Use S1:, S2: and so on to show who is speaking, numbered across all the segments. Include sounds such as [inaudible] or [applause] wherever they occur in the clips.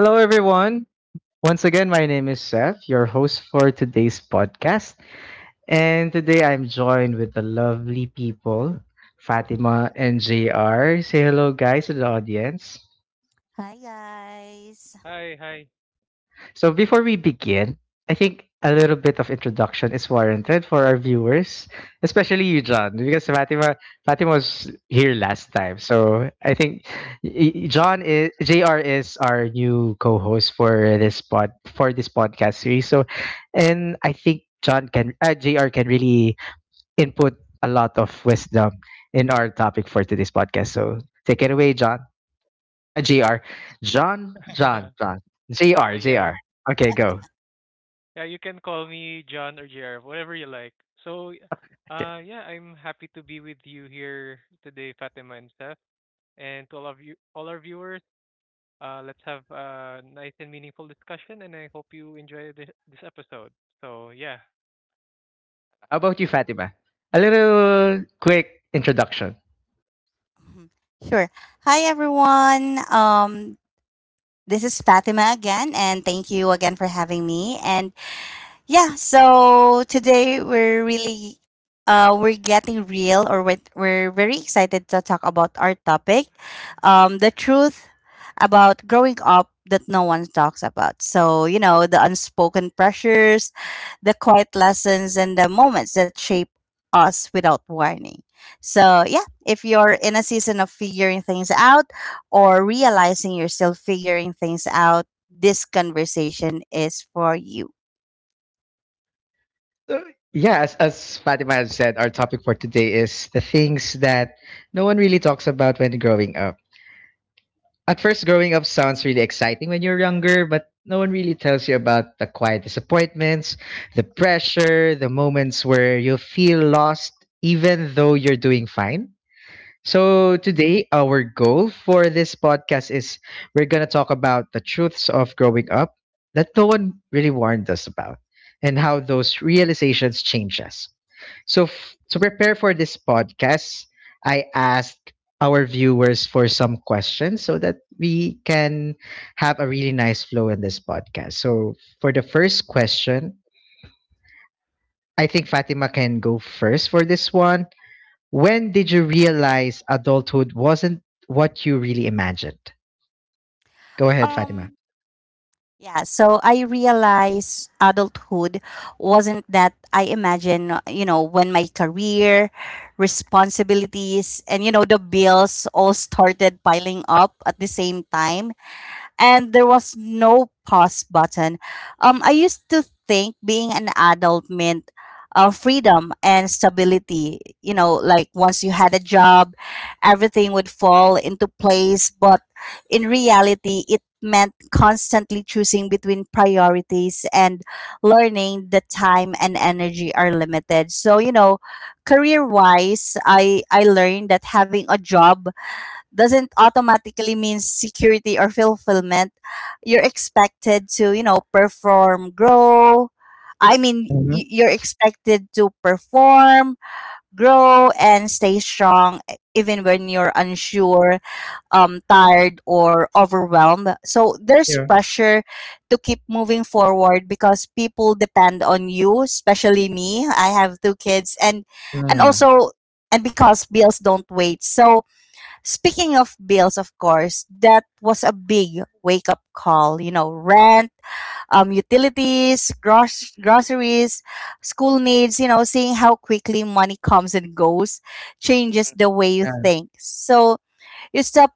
S1: Hello, everyone. Once again, my name is Seth, your host for today's podcast. And today I'm joined with the lovely people, Fatima and JR. Say hello, guys, to the audience.
S2: Hi guys.
S3: Hi, hi.
S1: So before we begin, I think a little bit of introduction is warranted for our viewers, especially you, John, because Fatima was here last time. So I think John is JR is our new co-host for this podcast series. So, and I think John can JR can really input a lot of wisdom in our topic for today's podcast. So take it away, John. JR, John, John,
S3: [laughs]
S1: John, JR,
S3: Yeah,
S1: JR. Okay, go.
S3: yeah. You can call me John or JR, whatever you like. So,
S1: Okay.
S3: yeah, I'm happy to be with you here today, Fatima and Seth, and to all of you, all our viewers. Let's have a nice and meaningful discussion, and I hope you enjoy this episode. So, yeah.
S1: How about you, Fatima? A little quick introduction.
S2: Mhm. Sure. Hi everyone. This is Fatima again, and thank you again for having me. And yeah, so today we're really we're getting real, or we're very excited to talk about our topic, the truth about growing up that no one talks about. So, the unspoken pressures, the quiet lessons, and the moments that shape us without warning. So, yeah, if you're in a season of figuring things out or realizing you're still figuring things out, this conversation is for you.
S1: Uh, yeah, as Fatima has said, our topic for today is the things that no one really talks about when growing up. At first, growing up sounds really exciting when you're younger, but no one really tells you about the quiet disappointments, the pressure, the moments where you feel lost even though you're doing fine. So,
S3: Hmm.
S1: today, our goal for this podcast is we're going to talk about the truths of growing up that no one really warned us about and how those realizations change us. So, to prepare for this podcast, I asked our viewers for some questions so that we can have a really nice flow in this podcast. So, for the first question, I think Fatima can go first for this one when did you realize adulthood wasn't what you really imagined? Go ahead, Fatima.
S2: Um Yeah, so I realized adulthood wasn't that I imagine, when my career, responsibilities, and, the bills all started piling up at the same time, and there was no pause button. I used to think being an adult meant freedom and stability. Like once you had a job, everything would fall into place. But in reality, it meant constantly choosing between priorities and learning that time and energy are limited. So, career wise, I learned that having a job doesn't automatically mean security or fulfillment. You're expected to, perform, grow. I mean,
S1: Hmm.
S2: you're expected to perform, grow, and stay strong even when you're unsure, tired, or overwhelmed. So there's
S1: Yeah.
S2: pressure to keep moving forward because people depend on you, especially me. I have two kids, and
S1: Mm.
S2: also and because bills don't wait. So, speaking of bills, of course, that was a big wake up call. Rent, utilities, groceries, school needs, seeing how quickly money comes and goes changes
S1: Mm,
S2: the way you
S1: yeah.
S2: think. So you start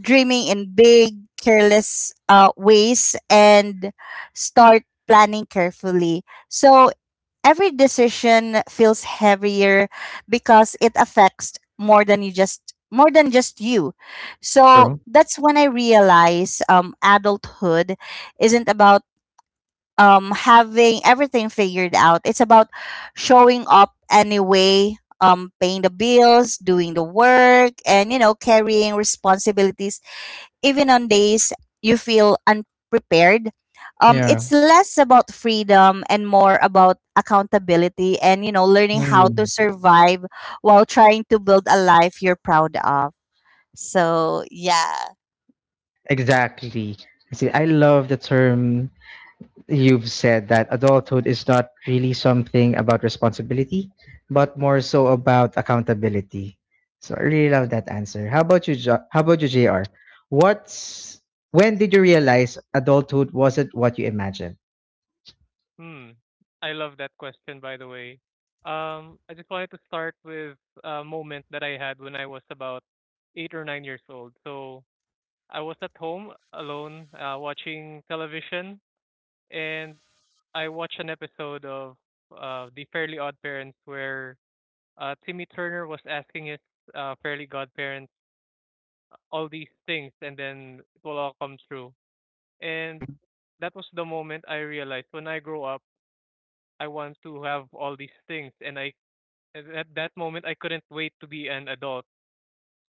S2: dreaming in big, careless ways and start planning carefully. So every decision feels heavier because it affects more than just you. So
S1: True.
S2: that's when I realize adulthood isn't about having everything figured out. It's about showing up anyway, paying the bills, doing the work, and carrying responsibilities even on days you feel unprepared.
S1: Yeah.
S2: It's less about freedom and more about accountability, and learning how to
S1: Mm.
S2: survive while trying to build a life you're proud of. So yeah.
S1: Exactly. See, I love the term you've said that adulthood is not really something about responsibility, but more
S2: [laughs]
S1: so
S2: Mhm.
S1: about accountability. So I really love that answer. How about you, how about you, JR? What's when did you realize adulthood wasn't what you imagined?
S3: Hmm. I love that question, by the way. I just wanted to start with a moment that I had when I was about 8 or 9 years old. So, I was at home alone, watching television, and I watched an episode of The Fairly Odd Parents, where Timmy Turner was asking his Fairly Godparents all these things, and then it will all come true. And that was the moment I realized, when I grow up, I want to have all these things, and I at that moment I couldn't wait to be an adult.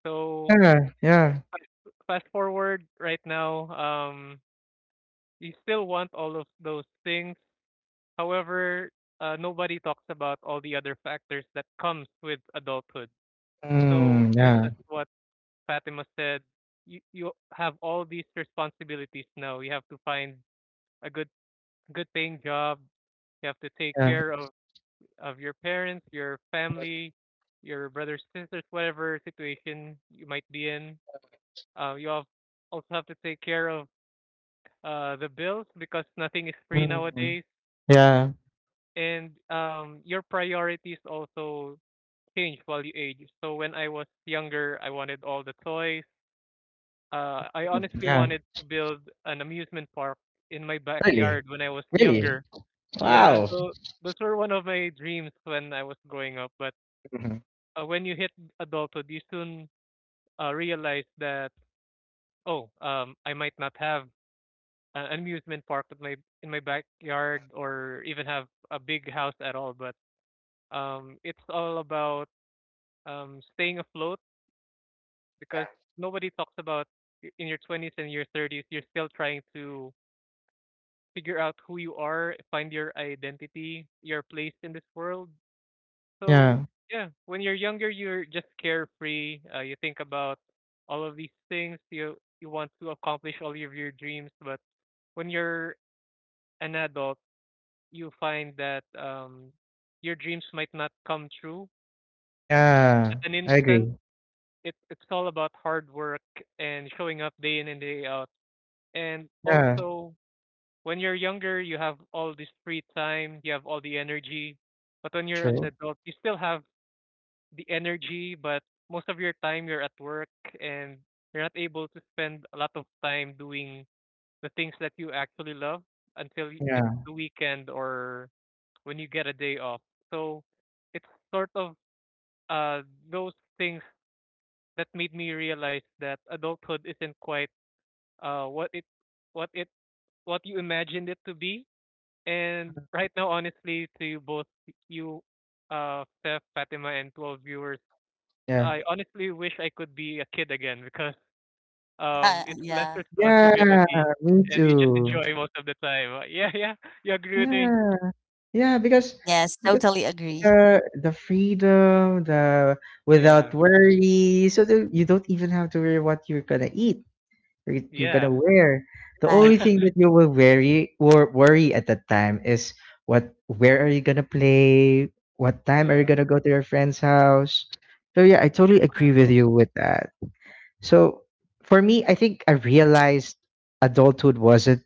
S3: So,
S1: Yeah, yeah.
S3: fast forward right now. You still want all of those things. However, nobody talks about all the other factors that comes with adulthood. So,
S1: Mm,
S3: just
S1: yeah,
S3: as what Fatima said, you have all these responsibilities now. You have to find a good paying job. You have to take
S1: yeah.
S3: care of your parents, your family, your brothers, sisters, whatever situation you might be in. You also have to take care of the bills because nothing is free
S1: Mm,
S3: nowadays,
S1: yeah.
S3: and your priorities also change while you age. So when I was younger, I wanted all the toys. I
S1: Mm,
S3: honestly
S1: yeah.
S3: wanted to build an amusement park in my
S1: Really?
S3: backyard when I was
S1: Really?
S3: younger. Yeah,
S1: Wow.
S3: so those were one of my dreams when I was growing up. But
S1: Mhm.
S3: when you hit adulthood, you soon realize that, oh, I might not have an amusement park at my in my backyard, or even have a big house at all. But, it's all about staying afloat
S1: Yeah.
S3: because nobody talks about in your 20s and your 30s, you're still trying to figure out who you are, find your identity, your place in this world. So,
S1: Yeah.
S3: yeah, when you're younger, you're just carefree. You think about all of these things. You want to accomplish all of your dreams, but when you're an adult, you find that, your dreams might not come true at
S1: Yeah.
S3: an
S1: I
S3: instant.
S1: agree.
S3: It's all about hard work and showing up day in and day out. And
S1: Yeah.
S3: also, when you're younger, you have all this free time, you have all the energy. But when you're an
S1: True.
S3: adult, you still have the energy, but most of your time you're at work and you're not able to spend a lot of time doing the things that you actually love until it's
S1: Yeah.
S3: the weekend or when you get a day off. So, it's sort of uh those things that made me realize that adulthood isn't quite uh what it what it what you imagined it to be. And right now, honestly, to both you, Steph, Fatima, and to all viewers,
S1: Yeah.
S3: I honestly wish I could be a kid again because it's less
S2: Yeah,
S1: Yeah.
S3: responsibility
S1: Me
S3: and you just
S1: too.
S3: enjoy most of the time. Yeah, [laughs] yeah, you agree with me?
S1: Yeah. Yeah.
S2: yes,
S1: Because
S2: totally agree.
S1: the freedom, the without
S3: Yeah,
S1: worry, so that you don't even have to worry what you're gonna eat. You're
S3: yeah,
S1: gonna wear. The
S2: Right.
S1: only thing
S3: [laughs]
S1: that you will worry worry at that time is what where are you gonna play? What time are you
S3: yeah,
S1: gonna go to your friend's house? So yeah, I totally agree
S2: True.
S1: with you with that. So for me, I think I realized adulthood wasn't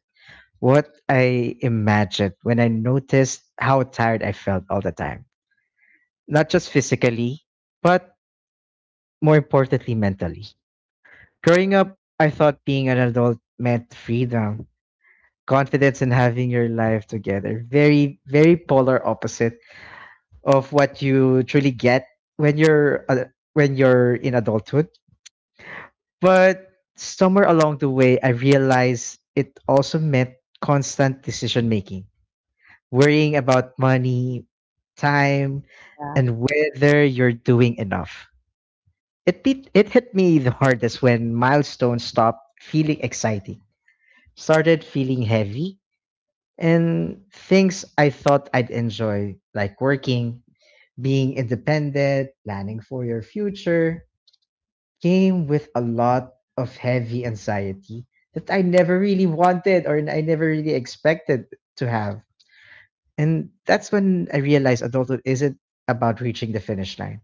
S1: what I imagined when I noticed how tired I felt all the time. Not just physically, but more importantly mentally. Growing up, I thought being an adult meant freedom confidence and having your life together. Very, very polar opposite of what you truly get when you're uh, when you're in adulthood. But somewhere along the way, I realized it also meant constant decision making, worrying about money, time,
S2: Yeah.
S1: and whether you're doing enough. It hit me the hardest when milestones stopped feeling exciting, started feeling heavy, and things I thought I'd enjoy, like working, being independent, planning for your future, came with a lot of heavy anxiety that I never really wanted or I never really expected to have. And that's when I realized adulthood isn't about reaching the finish line.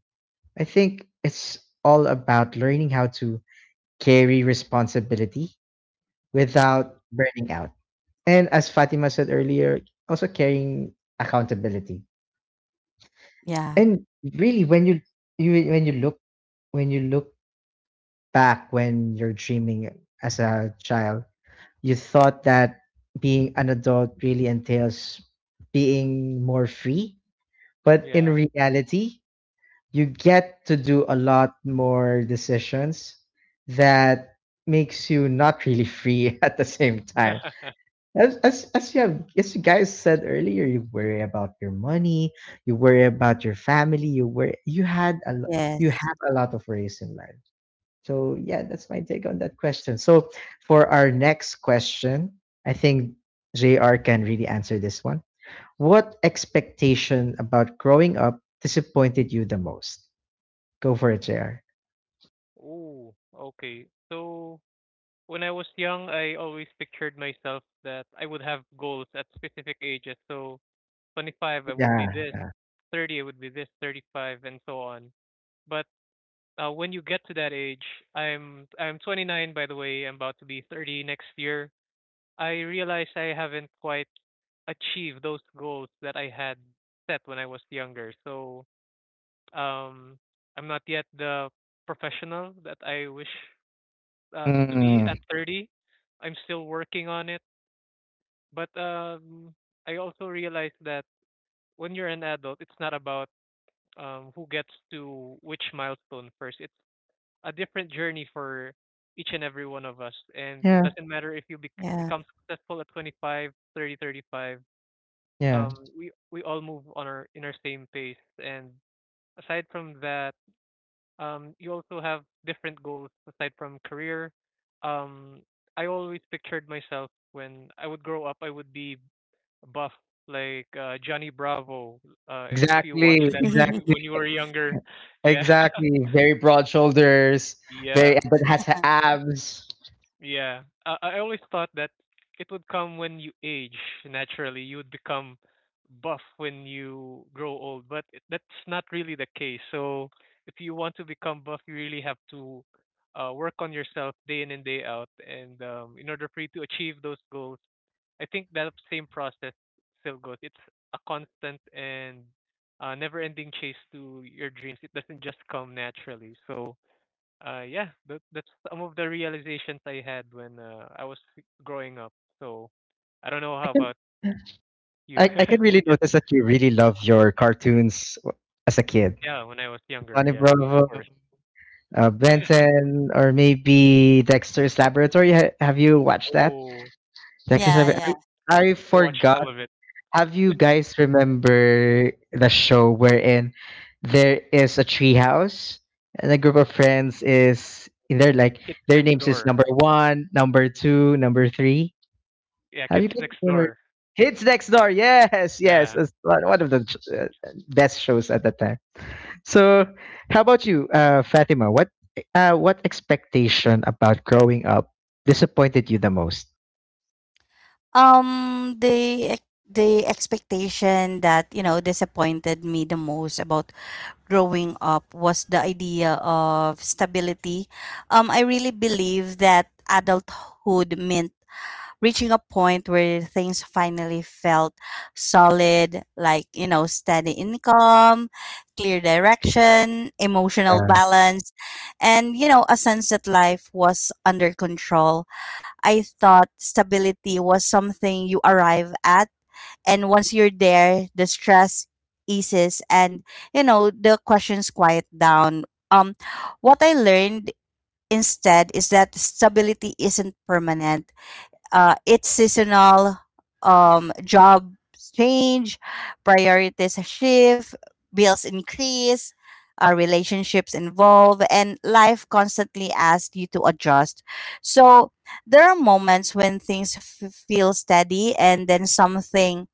S1: I think it's all about learning how to carry responsibility
S3: mm,
S1: without burning out. And as Fatima said earlier, also carrying accountability.
S2: Yeah.
S1: And really, when you when you look back when you're dreaming as a child, you thought that being an adult really entails being more free. But in
S3: yeah.
S1: reality, you get to do a lot more decisions that makes you not really free [laughs] at the same time
S3: [laughs]
S1: As you guys said earlier, you worry about your money, you worry about your family, you worry, you
S2: Yes.
S1: have a lot of worries in life. So yeah, that's my take on that question. So for our next question, I think JR can really answer this one. What expectation about growing up disappointed you the most? Go for it, JR.
S3: Ooh, okay. So, when I was young, I always pictured myself that I would have goals at specific ages. So, 25, I would be
S1: Yeah.
S3: this,
S1: Yeah.
S3: 30, I would be this, 35, and so on. But when you get to that age, I'm 29, by the way. I'm about to be 30 next year. I realize I haven't quite achieved those goals that I had set when I was younger. So, um, I'm not yet the professional that I wish to be
S1: Mm,
S3: at 30. I'm still working on it. But, I also realized that when you're an adult, it's not about, who gets to which milestone first. It's a different journey for each and every one of us. And it
S1: yeah.
S3: doesn't matter if you
S2: Yeah.
S3: become successful at 25, 30, 35.
S1: Yeah.
S3: We all move on our in our same pace. And aside from that, you also have different goals aside from career. Um, I always pictured myself when I would grow up, I would be buff like Johnny Bravo. If you watch
S1: Exactly,
S3: that when
S2: [laughs]
S3: you
S1: exactly.
S3: were younger, yeah,
S1: Exactly.
S3: [laughs]
S1: Very broad shoulders,
S3: yeah,
S1: very but has abs.
S3: yeah. I always thought that it would come when you age naturally. You would become buff when you grow old, but that's not really the case. So if you want to become buff, you really have to work on yourself day in and day out, and, in order for you to achieve those goals, I think that same process still goes. It's a constant and never-ending chase to your dreams. It doesn't just come naturally. So, yeah, that's some of the realizations I had when I was growing up. So, I don't know
S1: I
S3: how
S1: can
S3: about you.
S1: I can really
S3: [laughs] Yeah,
S1: notice that you really love your cartoons as a kid.
S3: yeah, when I was younger,
S1: Johnny
S3: yeah, of
S1: Bravo,
S3: course.
S1: Benton, or maybe Dexter's Laboratory. Have you watched that?
S3: Oh,
S1: Dexter's
S2: yeah,
S3: I
S2: yeah.
S1: Laboratory. I
S3: watched
S1: forgot
S3: all of it.
S1: Have you guys remember the show wherein there is a treehouse and a group of friends is in there like
S3: Kids
S1: their
S3: Next
S1: names is
S3: Door.
S1: number one, number two, number three?
S3: Yeah,
S1: Have you
S3: Kids
S1: guys
S3: Next
S1: remember?
S3: Door.
S1: Kids Next Door, yes, yes,
S3: Yeah.
S1: it's one of the best shows at that time. So, how about you, Fatima? What expectation about growing up disappointed you the most?
S2: The expectation that disappointed me the most about growing up was the idea of stability. I really believe that adulthood meant reaching a point where things finally felt solid, like, steady income, clear direction, emotional
S1: Yeah.
S2: balance, and, a sense that life was under control. I thought stability was something you arrive at, and once you're there, the stress eases, and the questions quiet down. Um what I learned instead is that stability isn't permanent. It's seasonal, job change, priorities shift, bills increase, relationships involve, and life constantly asks you to adjust. So there are moments when things feel steady, and then something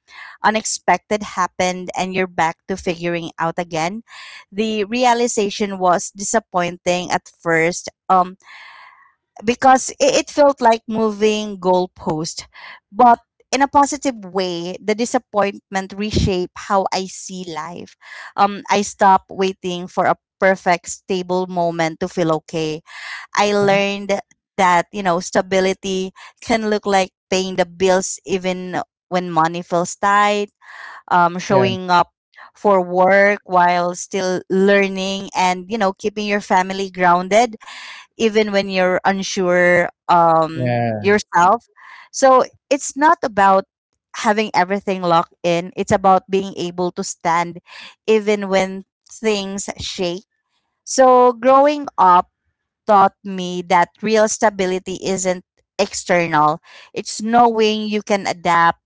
S2: unexpected happened, and you're back to figuring out again. The realization was disappointing at first. Because it felt like moving goalpost. But in a positive way, the disappointment reshape how I see life. I stopped waiting for a perfect stable moment to feel okay. I
S1: Mhm.
S2: learned that stability can look like paying the bills even when money feels tight.
S1: Yeah,
S2: Showing up for work while still learning, and keeping your family grounded even when you're unsure
S1: yeah.
S2: yourself. So it's not about having everything locked in. It's about being able to stand even when things shake. So growing up taught me that real stability isn't external. It's knowing you can adapt,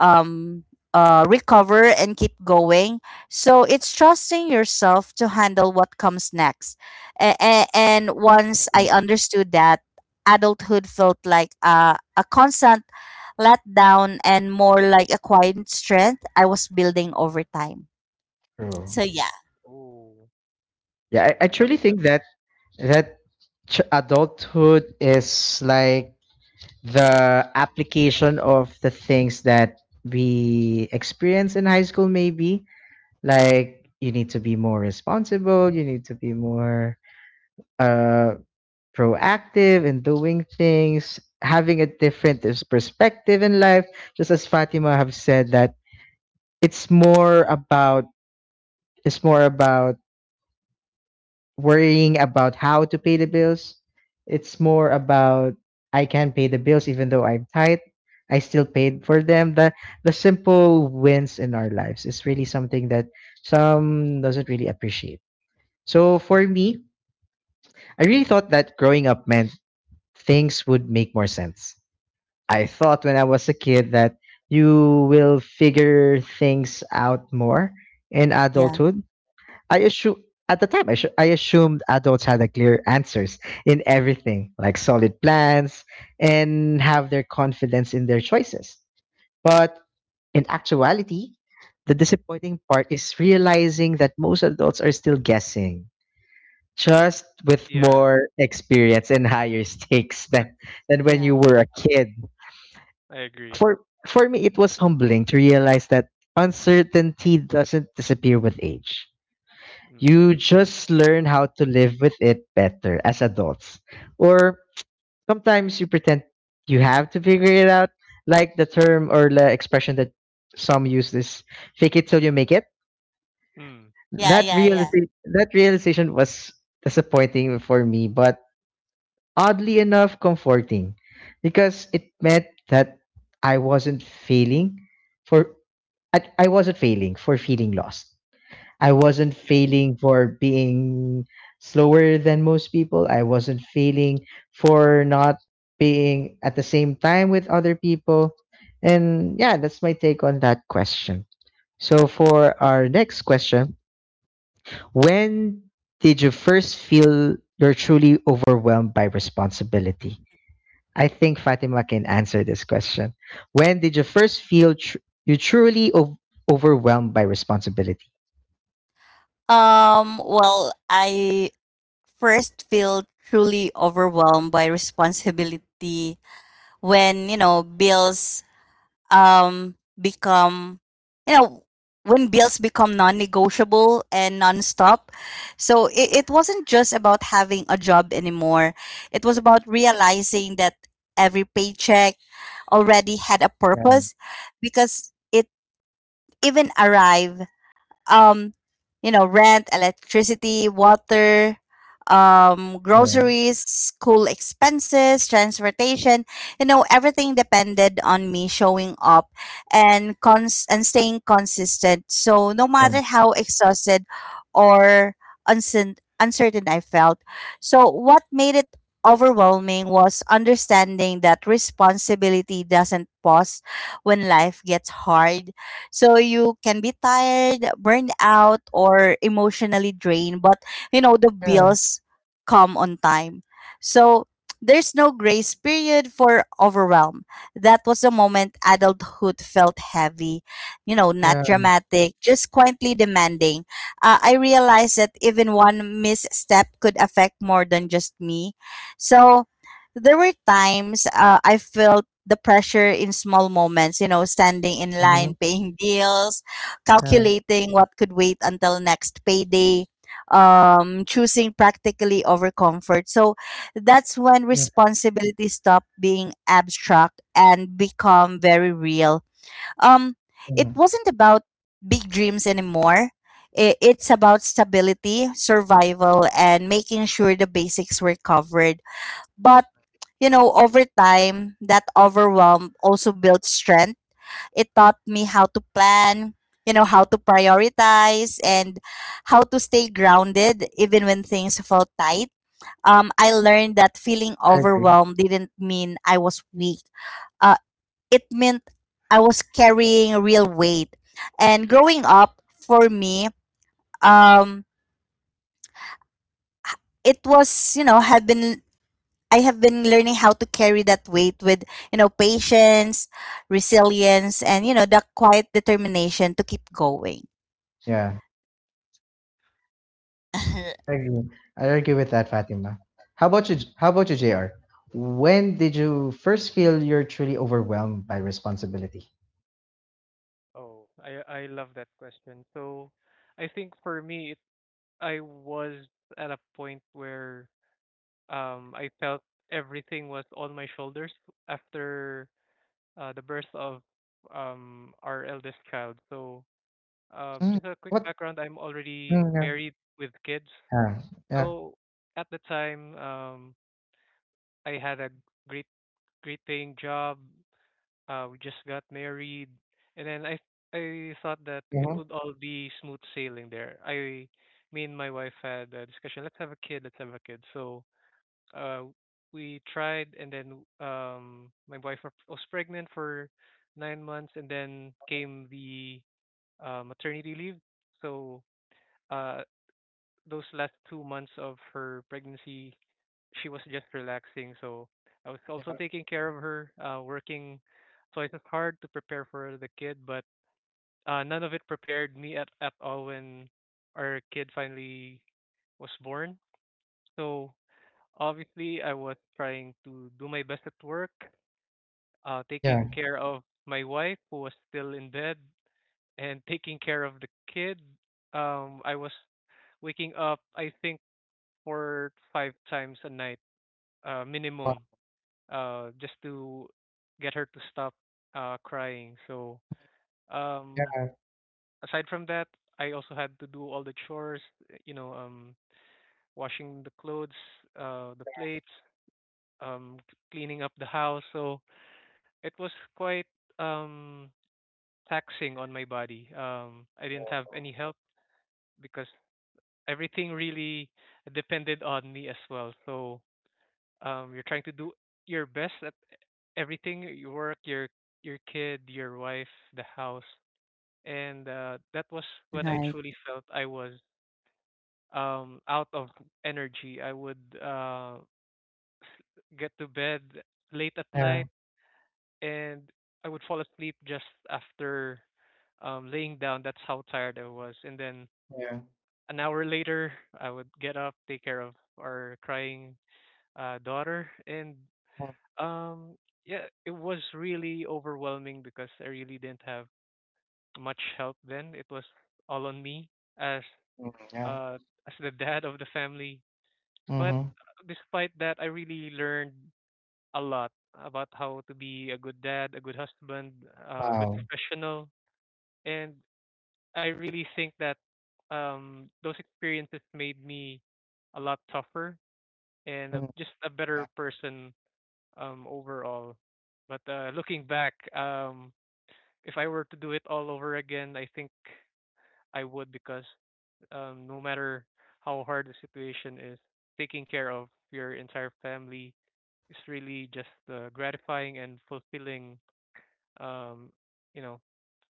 S2: um, recover, and keep going. So it's trusting yourself to handle what comes next. And once
S1: Mhm.
S2: I understood that, adulthood felt like a constant letdown and more like a quiet strength I was building over time.
S1: True.
S2: So yeah.
S3: Oh,
S1: Yeah, I
S3: I
S1: truly
S3: love that.
S1: think that that adulthood is like the application of the things that we experience in high school maybe like you need to be more responsible you need to be more uh proactive in doing things, having a different perspective in life. Just as Fatima have said that it's more about it's more about worrying about how to pay the bills. It's more about I can pay the bills even though I'm tight. I still paid for them. The simple wins in our lives is really something that some doesn't really appreciate. So for me, I really thought that growing up meant things would make more sense I thought when I was a kid that you will figure things out more in
S2: Yeah,
S1: adulthood. I assume at the time I assumed adults had a clear answers in everything, like solid plans and have their confidence in their choices. But in actuality, the disappointing part is realizing that most adults are still guessing, just with
S3: Yeah,
S1: more experience and higher [laughs] stakes than when you
S2: right.
S1: were a kid.
S3: I agree.
S1: For me, it was humbling to realize that uncertainty doesn't disappear with age.
S3: Mm.
S1: You just learn how to live with it better as adults. Or sometimes you pretend you have to figure it out, like the term or the expression that some use is fake it till you make it.
S3: Mm.
S2: Yeah, yeah, yeah.
S1: That realization was disappointing for me, but oddly enough comforting because it meant that I wasn't failing for I wasn't failing for feeling lost. I wasn't failing for being slower than most people. I wasn't failing for not being at the same time with other people. And yeah, that's my take on that question. So, for our next question, when did you first feel you're truly overwhelmed by responsibility? I think Fatima can answer this question. When did you first feel you truly overwhelmed by responsibility?
S2: Well, I first feel truly overwhelmed by responsibility when, you know, bills become, you know, when bills become non negotiable and non stop. So it wasn't just about having a job anymore. It was about realizing that every paycheck already had a
S1: Yeah,
S2: purpose because it even arrived. Um you know rent, electricity, water,
S1: yeah,
S2: groceries, school expenses, transportation. Everything depended on me showing up and cons and staying consistent. So no
S1: yeah.
S2: matter how exhausted or uncertain I felt. So what made it overwhelming was understanding that responsibility doesn't pause when life gets hard. So you can be tired, burned out, or emotionally drained, but the
S1: Yeah,
S2: bills come on time. So there's no grace period for overwhelm. That was the moment adulthood felt heavy, not
S1: yeah,
S2: dramatic, just quietly demanding. I realized that even one misstep could affect more than just me. So there were times I felt the pressure in small moments, standing in line,
S1: mhm,
S2: paying bills,
S1: yeah,
S2: calculating what could wait until next payday, choosing practically over comfort. So that's when
S1: yeah,
S2: responsibility stopped being abstract and become very real. Um, it
S1: mhm.
S2: wasn't about big dreams anymore. It's about stability, survival, and making sure the basics were covered. But over time, that overwhelm also built strength. It taught me how to plan, how to prioritize and how to stay grounded even when things felt tight. I learned that feeling
S1: I agree.
S2: overwhelmed didn't mean I was weak. Uh, it meant I was carrying real weight. And growing up, for me, um, it was, you know, had been I have been learning how to carry that weight with, patience, resilience, and, the quiet determination to keep going.
S1: Yeah,
S2: [laughs]
S1: I agree. I agree with that, Fatima. How about you? How about you, JR? When did you first feel you're truly overwhelmed by responsibility?
S3: Oh, I love that question. So, I think for me, I was at a point where I felt everything was on my shoulders after the birth of our eldest child. So,
S1: Mm,
S3: just a quick
S1: what?
S3: background: I'm already
S1: Mm, yeah,
S3: married with kids.
S1: yeah,
S3: So, at the time, I had a great great paying job. We just got married, and then I thought that
S1: yeah,
S3: it
S1: mhm,
S3: would all be smooth sailing there. Me and my wife had a discussion. Let's have a kid. Let's have a kid. So, uh, we tried, and then, my wife was pregnant for 9 months, and then came the maternity leave. So, uh, those last 2 months of her pregnancy she was just relaxing. So I was also
S1: yeah,
S3: taking care of her, working twice as hard to prepare for the kid. But none of it prepared me at all when our kid finally was born. So obviously, I was trying to do my best at work, taking
S1: yeah,
S3: care of my wife who was still in bed, and [laughs] taking care of the kid. I was waking up, I think, 4 5 times a night,
S1: wow,
S3: minimum, just to get her to stop crying. So, um,
S1: yeah,
S3: aside from that, I also had to do all the chores, uh, you know, um, washing the clothes, the plates, um, cleaning up the house. So it was quite um, taxing on my body. I didn't have any help because everything really depended on me as well. So, you're trying to do your best at everything: your work, your kid, your wife, the house. And that was when I
S2: Right.
S3: truly felt I was out of energy. I would get to bed late at
S1: yeah,
S3: night, and I would fall asleep just after laying down. That's how tired I was. And then
S1: yeah,
S3: an hour later I would get up, take care of our crying daughter, and
S1: mm,
S3: Um, yeah, it was really overwhelming because I really didn't have much help then. It was all on me as
S1: mm, yeah.
S3: uh as the dad of the family. But
S1: Mm-hmm.
S3: despite that, I really learned a lot about how to be a good dad, a good husband, a good
S1: Wow.
S3: professional, and I really think that those experiences made me a lot tougher and
S1: Mm,
S3: just a better
S1: yeah.
S3: person, overall. But looking back, if I were to do it all over again, I think I would, because, no matter how hard the situation is, taking care of your entire family is really just the gratifying and fulfilling, um, you know,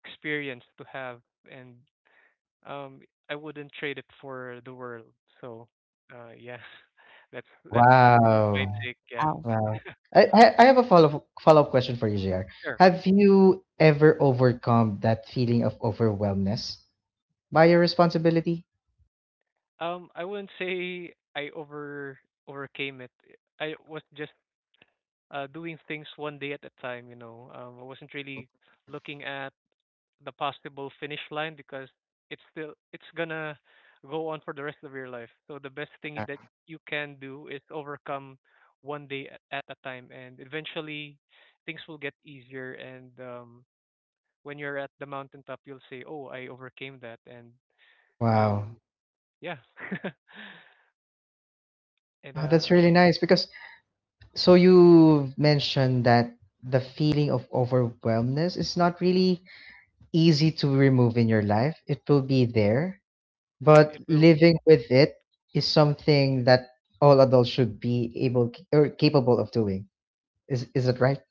S3: experience to have, and, um, I wouldn't trade it for the world. So, yeah, [laughs] that's that's my
S1: Wow.
S3: take. Yeah,
S2: Oh.
S1: Wow. I have a follow-up question for you, JR.
S3: sure.
S1: Have you ever overcome that feeling of overwhelmness by your responsibility?
S3: I wouldn't say I overcame it. I was just doing things one day at a time. I wasn't really looking at the possible finish line because it's gonna go on for the rest of your life. So the best thing
S1: Yeah.
S3: that you can do is overcome one day at a time, and eventually things will get easier. And, when you're at the mountaintop, you'll say, "Oh, I overcame that," and,
S1: Wow.
S3: um, yeah. [laughs] and
S1: Wow, that's really nice because so you mentioned that the feeling of overwhelmness is not really easy to remove in your life. It will be there, but
S3: It will be.
S1: living with it is something that all adults should be able or capable of doing. Is that right?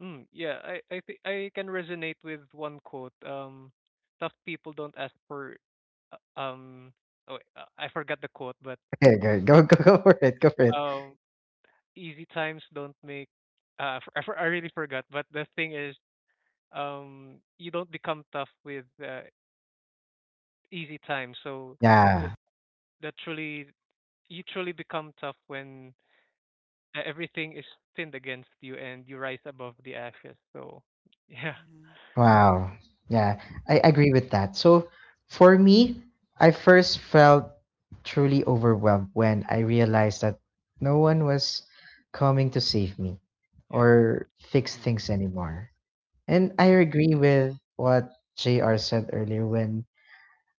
S3: Mm, yeah, I think I can resonate with one quote. Tough people don't ask for. uh, Um, oh, wait, I forgot the quote, but,
S1: Okay, good. Go go for it. Go for it.
S3: um, easy times don't make. I really forgot. But the thing is, you don't become tough with easy times. So that
S1: Yeah.
S3: that truly, you truly become tough when everything is pinned against you and you rise above the ashes. So [laughs] yeah,
S2: Mhm.
S1: Wow. Yeah, I agree with that. So for me, I first felt truly overwhelmed when I realized that no one was coming to save me
S3: yeah.
S1: or fix
S3: Mm,
S1: things anymore. And I
S2: Mm.
S1: agree with what JR said earlier when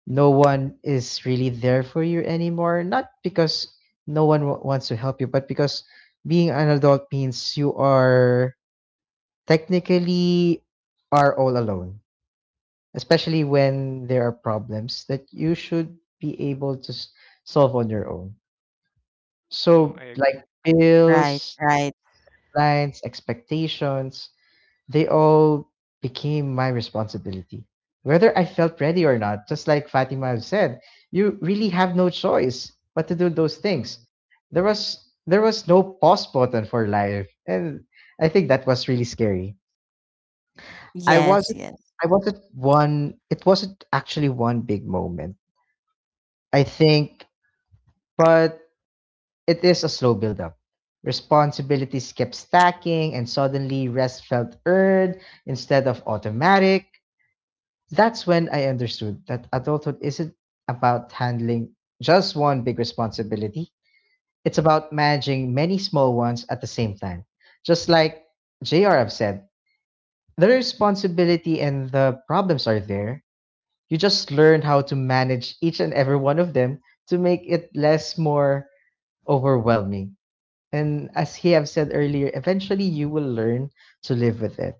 S1: no one is really there for you anymore, not because no one wants to help you, but because being an adult means you are technically are all alone especially when there are problems that you should be able to solve on your own.
S3: mm, I
S1: So,
S3: agree.
S1: like
S2: Right,
S1: bills,
S2: right.
S1: clients, expectations, they all became my responsibility. Whether I felt ready or not, just like Fatima said, you really have no choice but to do those things.
S3: Mm.
S1: There was there was no pause button for life, and I think that was really scary. I
S2: Yes,
S1: wasn't
S2: yes.
S1: I wasn't one. It wasn't actually one big moment I think, but it is a slow build-up. Responsibilities kept stacking, and suddenly rest felt earned instead of automatic. That's when I understood that adulthood isn't about handling just one big responsibility, it's about managing many small ones at the same time. Just like JR have said, the responsibility and the problems are there. You just learn how to manage each and every one of them to make it less more overwhelming. And as he have said earlier, eventually you will learn to live with it.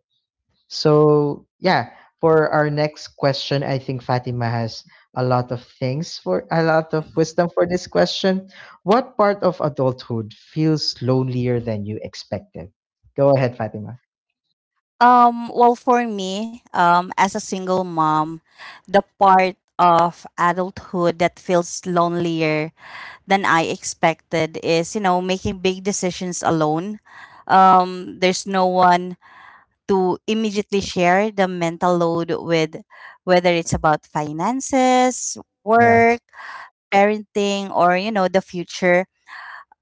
S1: So yeah, for our next question, I think Fatima has a lot of things for, a lot of
S2: Mhm.
S1: wisdom for this question. What part of adulthood feels lonelier than you expected? Go ahead, Fatima.
S2: Well, for me, as a single mom, the part of adulthood that feels lonelier than I expected is, making big decisions alone. There's no one to immediately share the mental load with, whether it's about finances,
S1: Yeah.
S2: work, parenting, or, the future.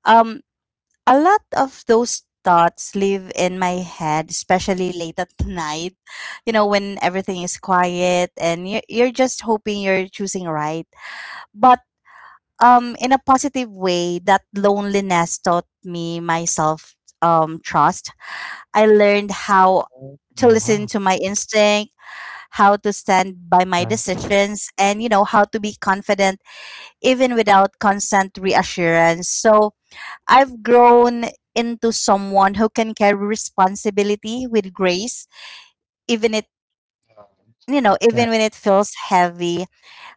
S2: Um, a lot of those thoughts live in my head, especially late at night, when everything is quiet and you're just hoping you're choosing right. But in a positive way, that loneliness taught me myself trust. I learned how
S1: Mm,
S2: to listen
S1: wow.
S2: to my instinct, how to stand by my
S1: yeah
S2: decisions, and, how to be confident even without constant reassurance. So, I've grown into someone who can carry responsibility with grace, even it
S1: yeah
S2: even when it feels heavy.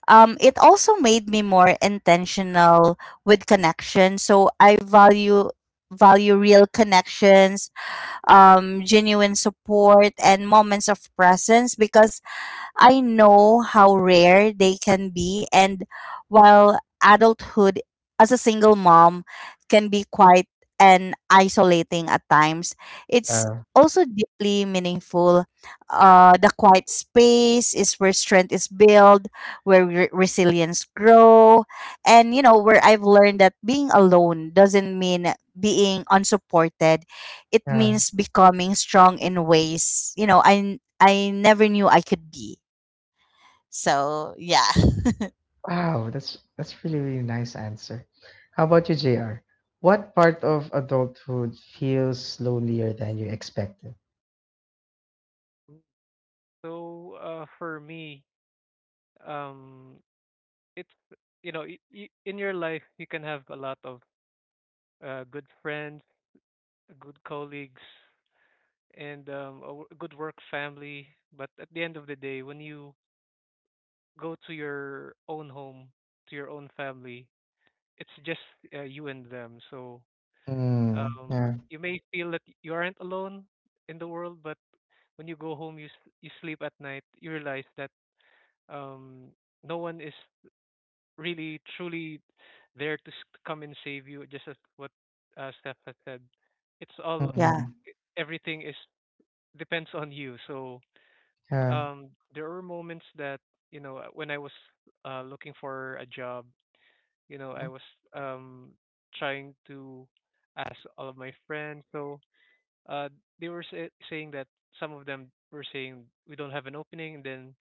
S2: It also made me more intentional with connection. So I value real connections, genuine support and moments of presence because I know how rare they can be, and while adulthood as a single mom can be quite and isolating at times, it's
S1: yeah
S2: also deeply meaningful. The quiet space is where strength is built, where resilience grow, and where I've learned that being alone doesn't mean being unsupported. It
S1: Yeah.
S2: means becoming strong in ways I never knew I could be. So, yeah.
S1: Wow, that's really really nice answer. How about you, JR? What part of adulthood feels lonelier than you expected?
S3: Mm. So, for me, um, it's you know, y y in your life you can have a lot of good friends, good colleagues, and good work family. But at the end of the day, when you go to your own home, to your own family, it's just you and them. So,
S1: Mm, yeah.
S3: you may feel that you aren't alone in the world, but when you go home, you sleep at night, you realize that um no one is really truly there to come and save you. Just as what Steph has said, it's all
S2: Yeah,
S1: Mm-hmm.
S3: everything is depends on you. So
S1: Yeah.
S3: there were moments that when I was looking for a job, I
S1: Mhm.
S3: was um, trying to ask all of my friends. So uh, they were saying that some of them were saying we don't have an opening, and then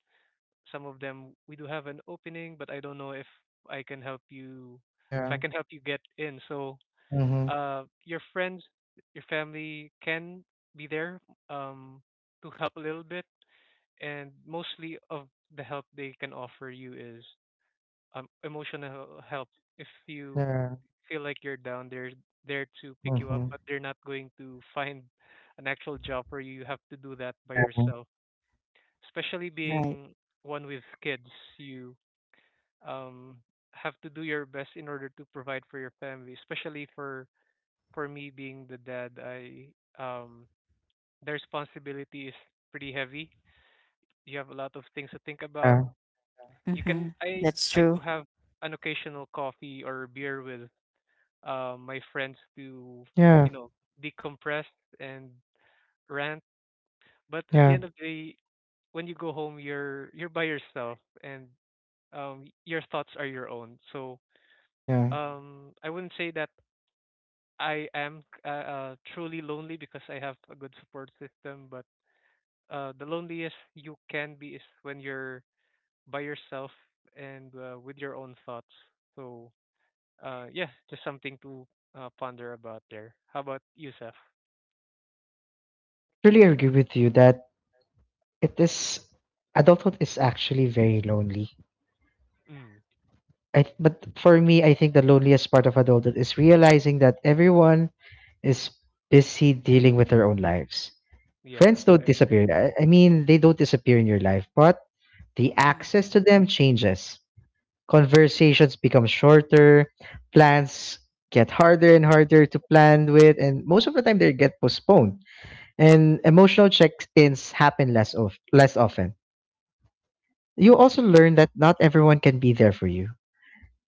S3: some of them we do have an opening, but I don't know if I can help you if I
S1: Yeah.
S3: can help you get in. So
S1: Mm-hmm.
S3: your friends, your family can be there um, to help a little bit, and mostly of the help they can offer you is emotional help. If you
S1: Yeah.
S3: feel like you're down, they're there to pick you up,
S1: Mm-hmm.
S3: but they're not going to [laughs] find an actual job for you. You have to do that by
S1: Yeah.
S3: yourself. Especially
S2: right.
S3: being one with kids, you um have to do your best in order to provide for your family, especially for me being the dad I um the responsibility is pretty heavy. You have a lot of things to think about.
S1: Yeah.
S3: you can
S2: Mhm.
S3: i
S2: That's
S3: i do
S2: true.
S3: have an occasional coffee or beer with my friends to
S1: Yeah.
S3: you know decompress and rant. But at the
S1: Yeah.
S3: end of the day, when you go home, you're by yourself, and your thoughts are your own. So
S1: Yeah.
S3: I wouldn't say that I am truly lonely because I have a good support system, but the loneliest you can be is when you're by yourself and with your own thoughts. So, yeah, just something to ponder about there. How about you, Seth?
S1: Really agree with you that it is, adulthood is actually very lonely.
S3: Mm,
S1: But for me, I think the loneliest part of adulthood is realizing that everyone is busy dealing with their own lives.
S3: yeah,
S1: Friends
S3: I
S1: don't
S3: agree.
S1: disappear. I mean, they don't disappear in your life, but the
S2: Mhm.
S1: access to them changes. Conversations become shorter, plans get harder and harder to plan with, and most of the time they get postponed. And emotional check-ins happen less of less often. You also learn that not everyone can be there for you,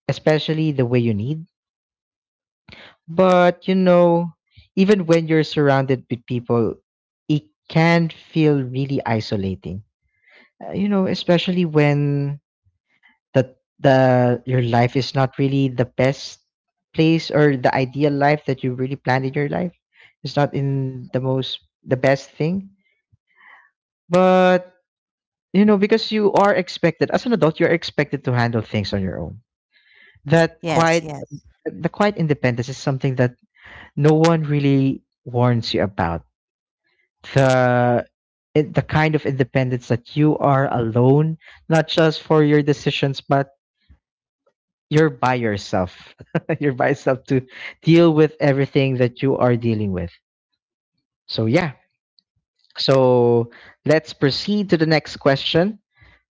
S1: especially the way you need. But you know, even when you're surrounded with people, it can feel really isolating, you know, especially when the your life is not really the best place or the ideal life that you really planned in your life is not
S2: Mhm.
S1: in the most the best thing. But you know, because you are expected as an adult, you're expected to handle things on your own. That
S2: Yes,
S1: quiet
S2: yes.
S1: the quiet independence is something that no one really warns you about. The the kind of independence that you are alone, not just for your decisions, but you're by yourself. [laughs] You're by yourself to deal with everything that you are dealing with. So yeah. So let's proceed to the next question.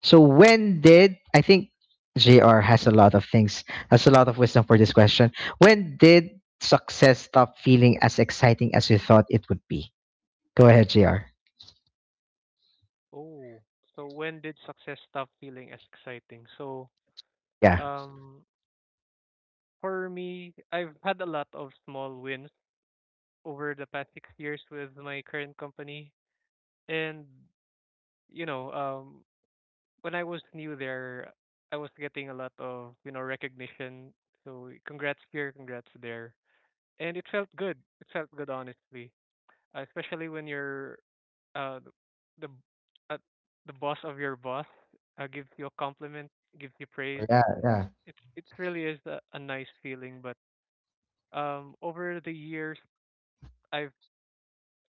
S1: So when did I think JR has a lot of things, has a lot of wisdom for this question. When did success stop feeling as exciting as you thought it would be? Go ahead, JR.
S3: Oh, so when did success stop feeling as exciting? So,
S1: Yeah.
S3: um, for me, I've had a lot of small wins over the past 6 years with my current company, and you know, um, when I was new there, I was getting a lot of recognition. So, congrats here, congrats there, and it felt good. It felt good, honestly, especially when you're uh, the b- uh, the boss of your boss gives you a compliment, gives you praise.
S1: Yeah, yeah.
S3: It really is a nice feeling. But over the years, I've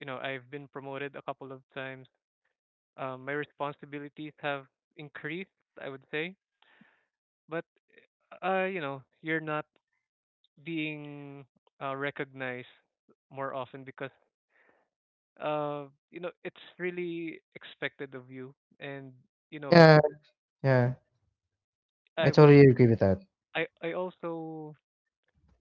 S3: you know I've been promoted a couple of times. My responsibilities have increased, I would say, but you're not being recognized more often because it's really expected of you. And you know,
S1: Yeah, yeah. I
S3: I would,
S1: totally agree with that.
S3: I also,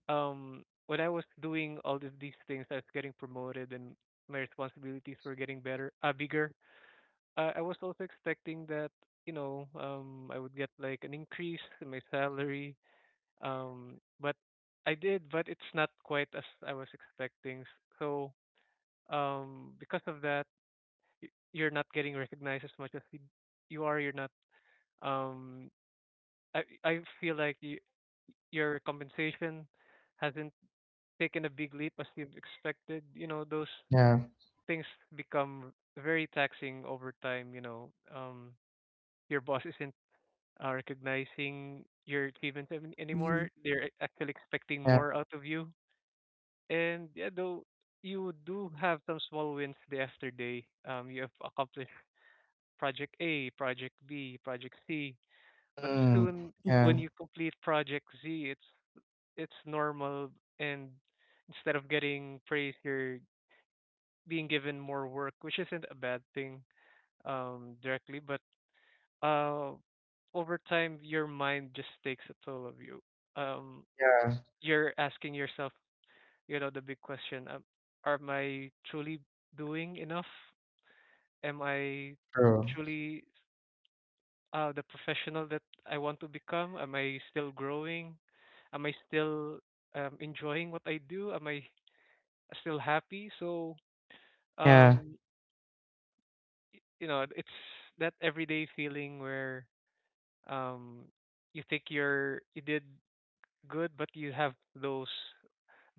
S3: when I was doing all of these things, I was getting promoted and my responsibilities were getting better, bigger. I was also expecting that, I would get like an increase in my salary. But I did, but it's not quite as I was expecting. So, because of that, you're not getting recognized as much as you are. You're not. Um, I feel like your compensation hasn't taken a big leap as you've expected. You know, those
S1: Yeah,
S3: things become very taxing over time. Your boss isn't recognizing your achievements
S2: Mhm.
S3: anymore. They're actually expecting
S1: yeah.
S3: more out of you. And yeah, though you do have some small wins day after day. You have accomplished project A, project B, project C. But
S1: Mm,
S3: soon,
S2: Mhm.
S3: when
S1: yeah,
S3: you complete project Z, it's normal, and instead of getting praise, you're being given more work, which isn't a bad thing directly. But uh, over time, your mind just takes a toll of you. Um,
S1: yeah,
S3: you're asking yourself, the big question, am I truly doing enough? Am I
S1: true.
S3: truly the professional that I want to become? Am I still growing? Am I still enjoying what I do? Am I still happy? So
S1: Yeah,
S3: um it's that everyday feeling where um you think you did good, but you have those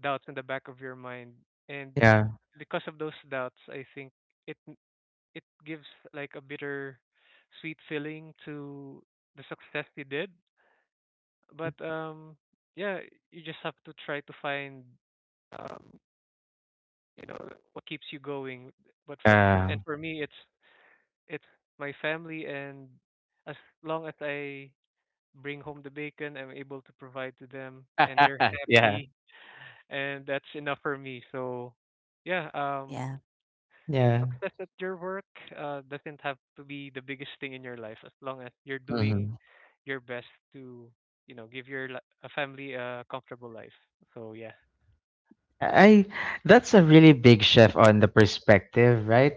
S3: doubts in the back of your mind. And
S1: yeah,
S3: because of those doubts, I think it it gives like a bitter sweet feeling to the success they did. But yeah, you just have to try to find um you know what keeps you going. But for And
S1: yeah.
S3: for me, it's my family, and as long as I bring home the bacon, I'm able to provide to them
S1: Yeah.
S3: and they're
S1: [laughs] Yeah.
S3: happy, and that's enough for me. So yeah,
S2: Yeah,
S3: [laughs]
S1: Yeah.
S3: success at your work doesn't have to be the biggest thing in your life, as long as you're doing
S1: Mhm.
S3: your best to, give a family a comfortable life. So yeah.
S1: I That's a really big shift on the perspective, right?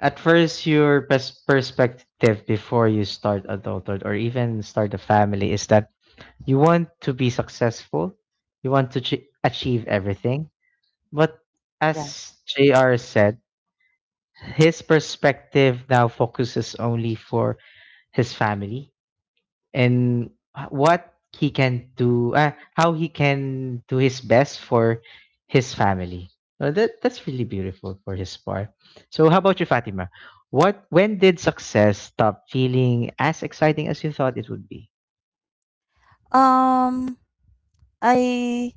S1: At first, your perspective before you start adulthood or even start a family is that you want to be successful, you want to achieve everything. But
S2: yeah.
S1: as JR said, his perspective now focuses only for his family and, what he can do, how he can do his best for his family. That that's really beautiful for his part. So, how about you, Fatima? What When did success stop feeling as exciting as you thought it would be?
S2: Um, I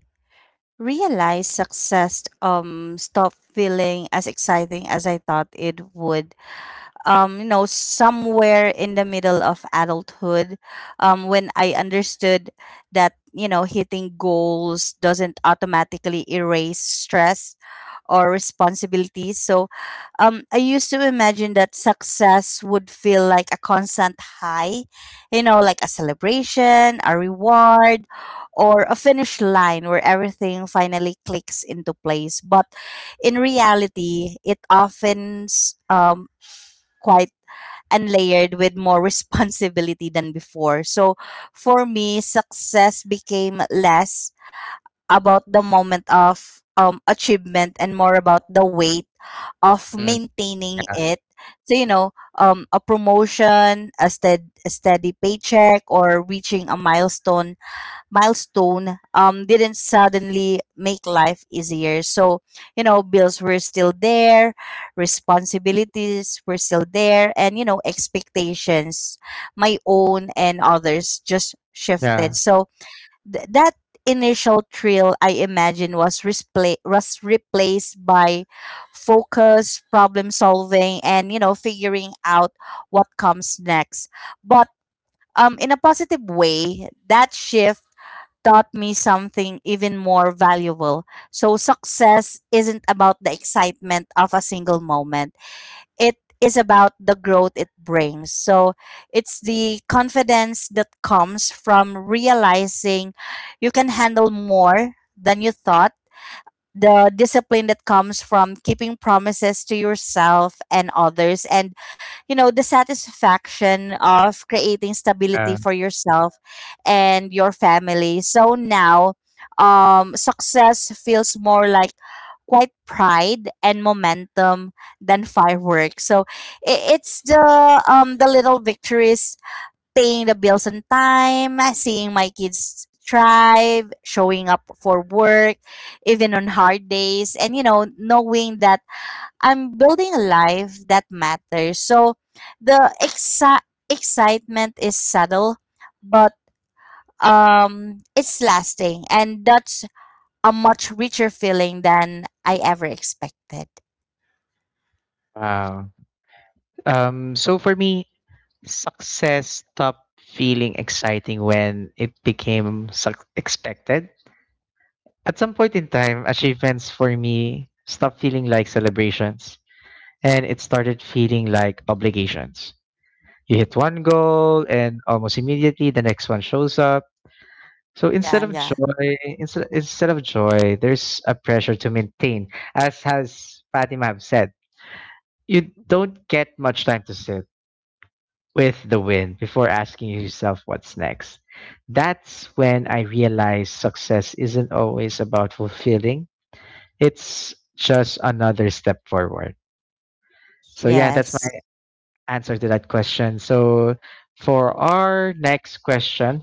S2: realized success stopped feeling as exciting as I thought it would somewhere in the middle of adulthood, when I understood that, hitting goals doesn't automatically erase stress or responsibilities. So I used to imagine that success would feel like a constant high, like a celebration, a reward, or a finish line where everything finally clicks into place. But in reality, it often um, quite and layered with more responsibility than before. So for me, success became less about the moment of achievement and more about the weight of
S1: Mm,
S2: maintaining it. So, a promotion, a steady paycheck, or reaching a milestone didn't suddenly make life easier. So, bills were still there, responsibilities were still there, and, expectations, my own and others, just shifted.
S1: yeah,
S2: So, that initial thrill I imagine was replaced by focus, problem solving, and, figuring out what comes next. But in a positive way, that shift taught me something even more valuable. So, success isn't about the excitement of a single moment, it is about the growth it brings. So, it's the confidence that comes from realizing you can handle more than you thought, the discipline that comes from keeping promises to yourself and others, and the satisfaction of creating stability
S1: yeah.
S2: for yourself and your family. So now, success feels more like quite pride and momentum than fireworks. So it's the little victories: paying the bills on time, seeing my kids thrive, showing up for work, even on hard days, and knowing that I'm building a life that matters. So the exci- excitement is subtle, but it's lasting, and that's a much richer feeling than I ever expected.
S1: Wow. So for me, success stopped feeling exciting when it became suc expected. At some point in time, achievements for me stopped feeling like celebrations, and it started feeling like obligations. You hit one goal, and almost immediately the next one shows up. So instead
S2: Yeah,
S1: of
S2: yeah.
S1: joy, instead of joy, there's a pressure to maintain, as has Fatima have said. You
S2: Mhm.
S1: don't get much time to sit with the wind before asking yourself what's next. That's when I realized success isn't always about fulfilling. It's just another step forward. So yeah, that's
S2: Yes.
S1: answer to that question. So, for our next question,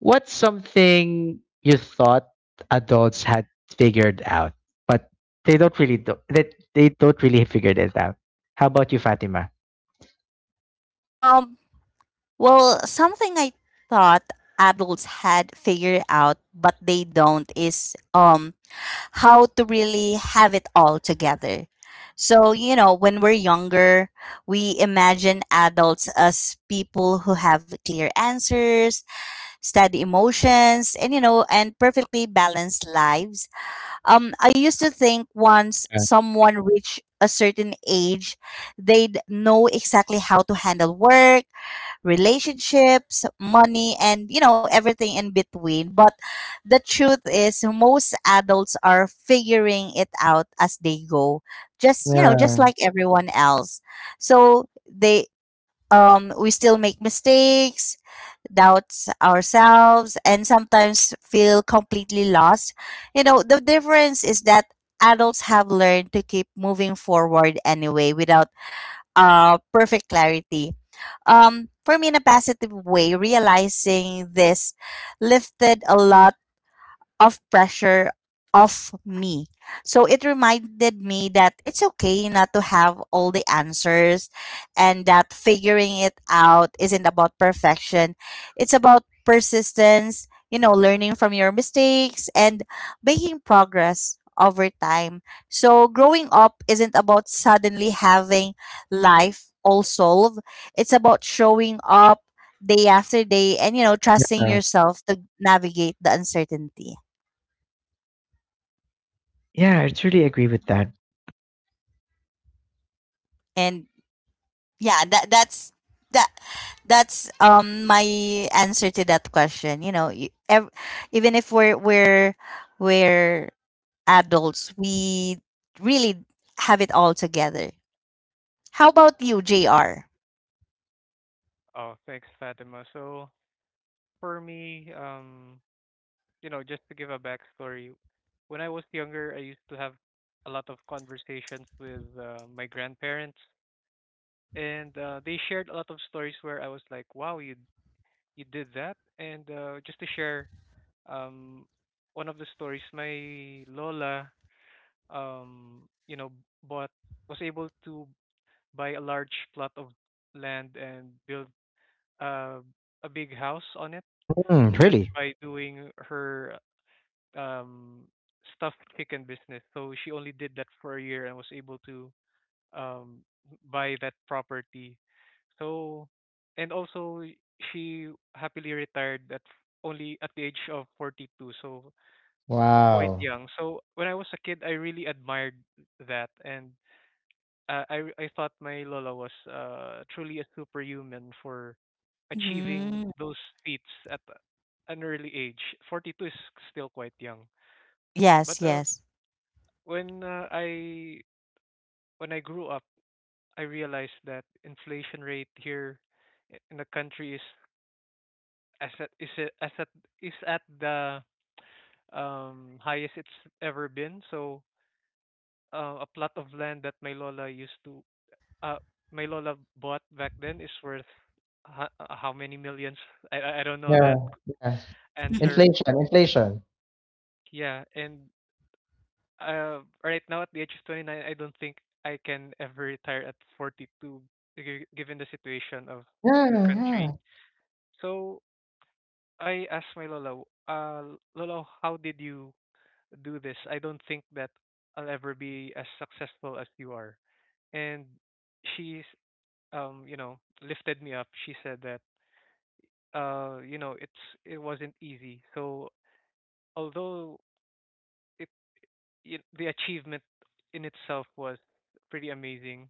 S1: what's something you thought adults had figured out, but they don't really do, they don't really figured it out? How about you, Fatima?
S2: Um, Well, something I thought adults had figured out but they don't is how to really have it all together. So, you know, when we're younger, we imagine adults as people who have clear answers, steady emotions, and you know, and perfectly balanced lives. I used to think once
S1: Yeah,
S2: someone reached a certain age, they'd know exactly how to handle work, relationships, money, and you know, everything in between. But the truth is, most adults are figuring it out as they go, just you know, just
S1: yeah,
S2: like everyone else. So they, we still make mistakes, doubts ourselves, and sometimes feel completely lost. You know, the difference is that adults have learned to keep moving forward anyway without perfect clarity. For me, in a positive way, realizing this lifted a lot of pressure off me. So it reminded me that it's okay not to have all the answers and that figuring it out isn't about perfection. It's about persistence, you know, learning from your mistakes and making progress over time. So growing up isn't about suddenly having life all solved. It's about showing up day after day and you know trusting
S1: yeah.
S2: yourself to navigate the uncertainty.
S1: Yeah, I truly agree with that.
S2: And yeah, that's that that's my answer to that question. You know, even if we're we're adults, we really have it all together. How about you, JR?
S3: Oh, thanks, Fatima. So for me, just to give a backstory, when I was younger, I used to have a lot of conversations with my grandparents, and they shared a lot of stories where I was like, "Wow, you did that!" And just to share, um one of the stories, my lola you know bought was able to buy a large plot of land and build uh, a big house on it,
S1: Mm,
S3: just
S1: really?
S3: by doing her um stuffed chicken business. So she only did that for a year and was able to um buy that property. So, and also, she happily retired at only at the age of 42. So, quite
S1: Wow.
S3: young. So when I was a kid, I really admired that, and I thought my Lola was truly a superhuman for achieving
S2: Mm.
S3: those feats at an early age. 42 is still quite young,
S2: Yes,
S3: but
S2: yes.
S3: when uh, I when I grew up, I realized that inflation rate here in the country is as at is a- as at is at the highest it's ever been. So a plot of land that my lola used to uh my lola bought back then is worth how many millions? [laughs] I don't know
S1: Yeah,
S3: that
S1: yeah.
S2: [laughs]
S3: answer.
S1: Inflation, inflation.
S3: Yeah, and right now at the age of 29, I don't think I can ever retire at 42, given the situation of
S1: Yeah,
S3: the
S1: yeah.
S3: country. So I asked my lola, lola, how did you do this? I don't think that I'll ever be as successful as you are. And she's lifted me up. She said that it wasn't easy. So although it, it the achievement in itself was pretty amazing,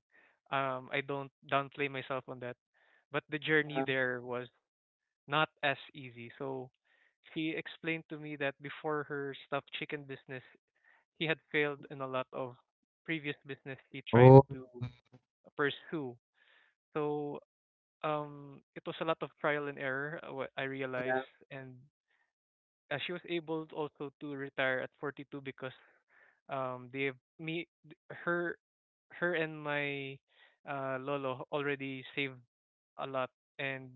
S3: I don't downplay myself on that, but the journey
S1: Yeah.
S3: there was not as easy. So she explained to me that before her stuffed chicken business, he had failed in a lot of previous business he tried
S1: Oh,
S3: to pursue. So it was a lot of trial and error, what I realized, and she was able also to retire at 42 because they have me th- her her and my lolo already saved a lot. And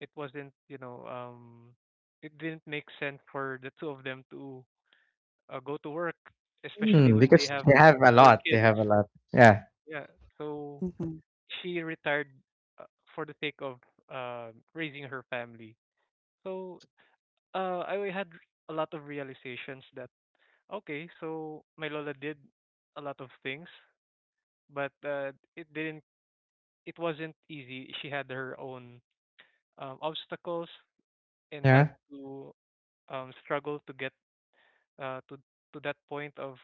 S3: it wasn't it didn't make sense for the two of them to go to work, especially
S1: mm,
S3: when they
S1: because
S3: have
S1: they have a
S3: four
S1: lot. They
S3: kids.
S1: have a lot. Yeah.
S3: Yeah. So
S2: Hmm.
S3: she retired uh, for the sake of raising her family. So I had a lot of realizations that, okay, so my lola did a lot of things, but it didn't. It wasn't easy. She had her own obstacles and
S1: Yeah.
S3: had to struggle to get uh, to to that point of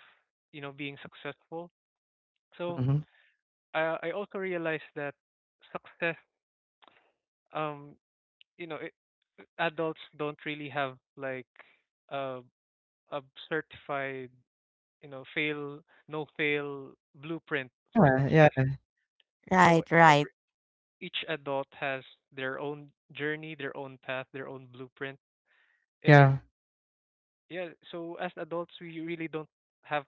S3: being successful. So
S1: Hmm.
S3: I also realized that success, um you know it, adults don't really have like a a certified, you know fail no fail blueprint for
S1: Yeah, yeah,
S3: success. So
S2: Right, right.
S3: each adult has their own journey, their own path, their own blueprint.
S1: yeah.
S3: And yeah, so as adults, we really don't have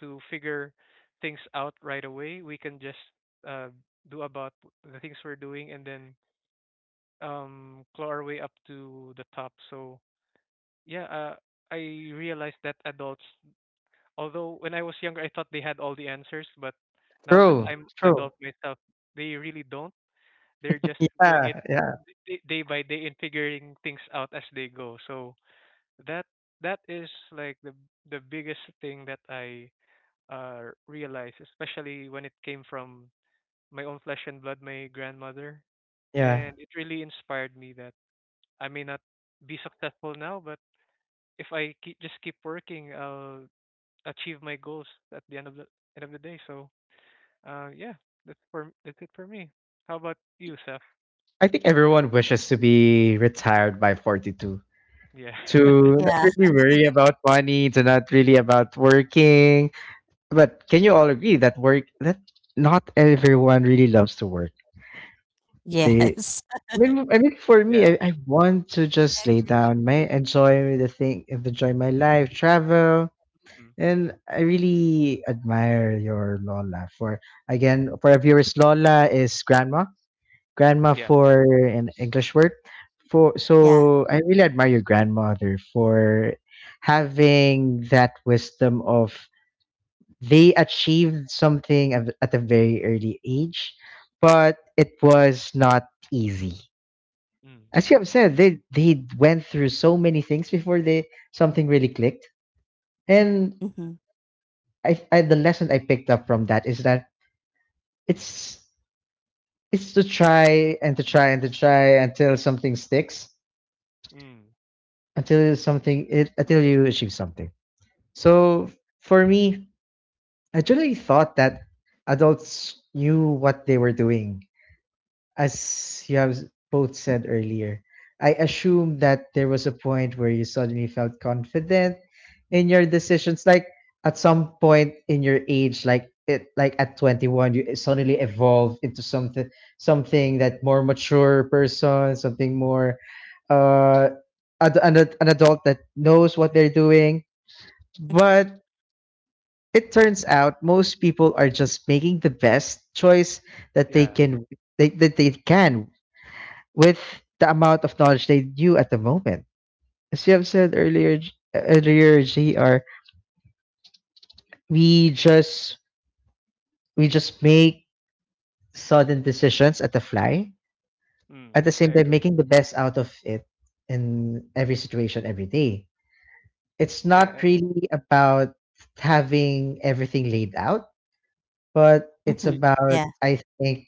S3: to figure things out right away. We can just uh, do about the things we're doing and then claw our way up to the top. So yeah, I realized that adults, although when I was younger, I thought they had all the answers, but now that
S1: True,
S3: I'm an
S1: true.
S3: adult myself, they really don't. They're just doing it
S1: Yeah, yeah,
S3: day by day and figuring things out as they go. So that that is like the biggest thing that I realized, especially when it came from my own flesh and blood, my grandmother,
S1: yeah.
S3: and it really inspired me that I may not be successful now, but if I keep, just keep working, I'll achieve my goals at the end of the day. So yeah, that's it for me. How about you, Seth?
S1: I think everyone wishes to be retired by 42,
S3: Yeah.
S1: to
S3: [laughs]
S1: not
S2: Yeah.
S1: really worry about money, to not really about working. But can you all agree that work that not everyone really loves to work. They
S2: Yes. [laughs]
S1: I mean, For me,
S3: Yeah.
S1: I want to just
S2: I
S1: lay
S2: agree.
S1: down, my enjoy the thing, enjoy my life, travel,
S3: Mm.
S1: and I really admire your Lola. For again, for our viewers, Lola is grandma, grandma
S3: Yeah.
S1: for an English word.
S2: Yeah.
S1: I really admire your grandmother for having that wisdom of they achieved something at a very early age, but it was not easy.
S3: Mm.
S1: As you have said, they went through so many things before they something really clicked. And
S2: Mm-hmm.
S1: I the lesson I picked up from that is that it's it's to try and to try and to try until something sticks,
S3: Mm.
S1: until you achieve something. So for me, I generally thought that adults knew what they were doing. As you have both said earlier, I assume that there was a point where you suddenly felt confident in your decisions. Like at some point in your age, like at 21, you suddenly evolve into something, something that more mature person, something more, uh, an adult that knows what they're doing.
S2: Mm-hmm.
S1: But it turns out most people are just making the best choice that they
S3: Yeah.
S1: can, that they can with the amount of knowledge they knew at the moment. As you have said earlier, JR, we just we just make sudden decisions at the fly,
S3: Mm,
S1: at the
S3: I
S1: same time
S3: agree.
S1: making the best out of it in every situation every day. It's
S3: Yeah,
S1: not
S3: and
S1: really about having everything laid out, but it's
S2: Mm-hmm.
S1: about
S2: Yeah.
S1: I think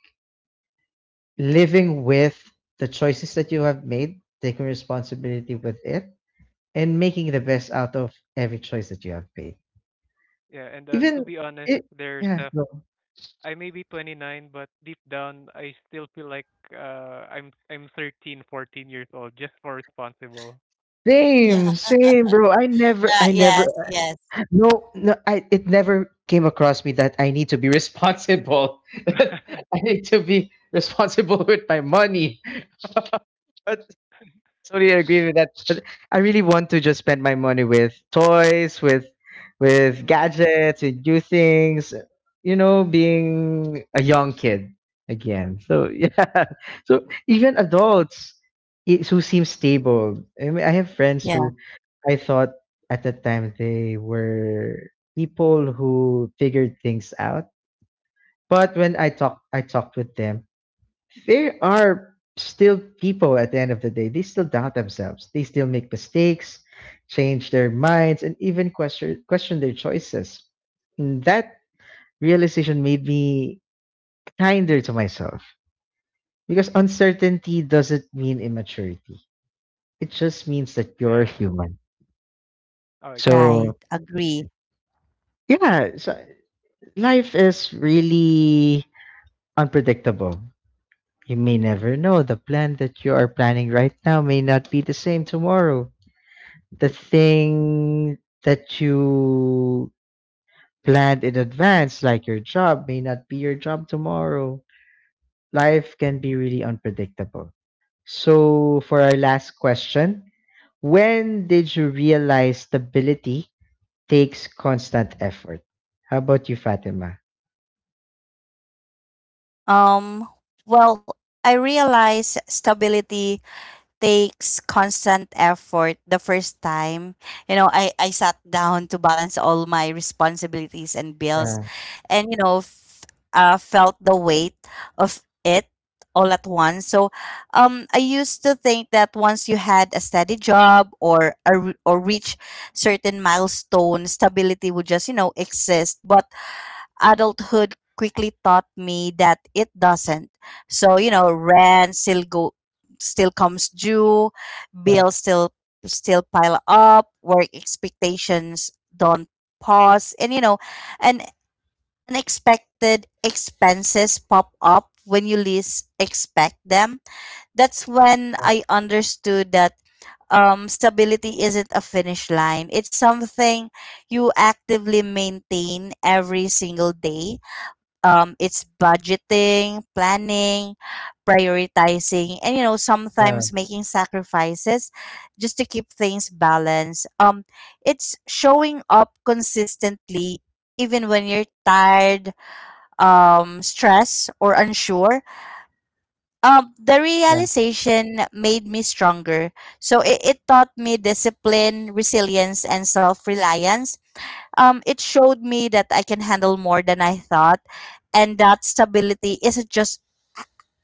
S1: living with the choices that you have made, taking responsibility with it, and making the best out of every choice that you have made.
S3: yeah, and to
S1: Even
S3: be honest,
S1: it
S3: there's
S1: yeah, no.
S3: I may be 29, but deep down I still feel like I'm 13, 14 years old just for responsible.
S2: Yeah.
S1: Same,
S2: [laughs]
S1: same, bro.
S2: Right. Yes, yes.
S1: I, it never came across me that I need to be responsible. [laughs] I
S3: [laughs]
S1: need to be responsible with my money. [laughs] But totally agree with that. But I really want to just spend my money with toys, with
S3: Mm,
S1: gadgets, with new things. You know, being a young kid again. So [laughs] yeah. So even adults who seem stable. I mean, I have friends
S2: Yeah.
S1: who I thought at that time they were people who figured things out. But I talked with them, there are still people at the end of the day, they still doubt themselves, they still make mistakes, change their minds, and even question their choices. And that realization made me kinder to myself, because uncertainty doesn't mean immaturity, it just means that you're
S3: yeah.
S1: human.
S3: Oh,
S1: So
S2: Right,
S3: exactly.
S2: agree.
S1: yeah, so life is really unpredictable. You may never know, the plan that you are planning right now may not be the same tomorrow. The thing that you planned in advance, like your job, may not be your job tomorrow. Life can be really unpredictable. So, for our last question, when did you realize stability takes constant effort? How about you, Fatima?
S2: Um, well, I realize stability takes constant effort the first time. You know, I sat [laughs] down to balance all my responsibilities and bills
S1: Yeah,
S2: and, you know, felt the weight of it all at once. So I used to think that once you had a steady job, or reach certain milestone, stability would just, you know, exist. But adulthood quickly taught me that it doesn't. So, you know, rent still go still comes due,
S1: yeah,
S2: bills still pile up, work expectations don't pause, and you know, and unexpected expenses pop up when you least expect them. That's when
S1: yeah,
S2: I understood that stability isn't a finish line. It's something you actively maintain every single day. It's budgeting, planning, prioritizing, and you know,
S1: yeah,
S2: sometimes making sacrifices just to keep things balanced. It's showing up consistently even when you're tired, stressed, or unsure. The
S1: yeah,
S2: realization made me stronger. So it taught me discipline, resilience, and self reliance. It showed me that I can handle more than I thought. And that stability isn't just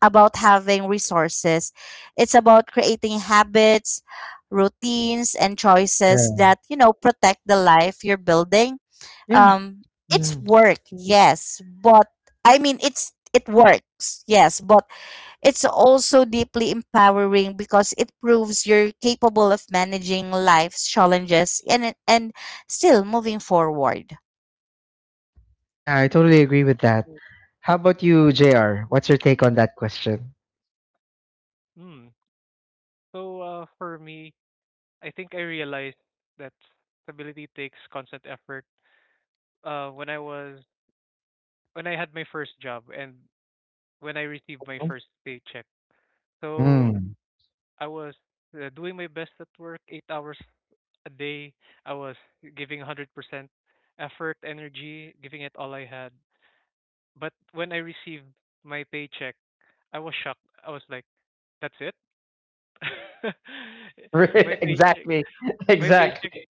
S2: about having resources, it's about creating habits, routines, and choices
S1: yeah.
S2: that, you know, protect the life you're building.
S1: Yeah,
S2: Um, it's
S1: mm.
S2: work, yes, but it works, yes, but it's also deeply empowering because it proves you're capable of managing life's challenges and still moving forward.
S1: Yeah, I totally agree with that. How about you, JR? What's your take on that question?
S3: Hmm. So for me, I think I realized that stability takes constant effort. Uh when I was when I had my first job and when I received my first paycheck. So
S1: Mm.
S3: I was doing my best at work, 8 hours a day. I was giving 100% effort, energy, giving it all I had. But when I received my paycheck, I was shocked. I was like, "That's it." [laughs] my
S1: [laughs]
S3: paycheck,
S1: Exactly, [laughs]
S3: my paycheck,
S1: exactly.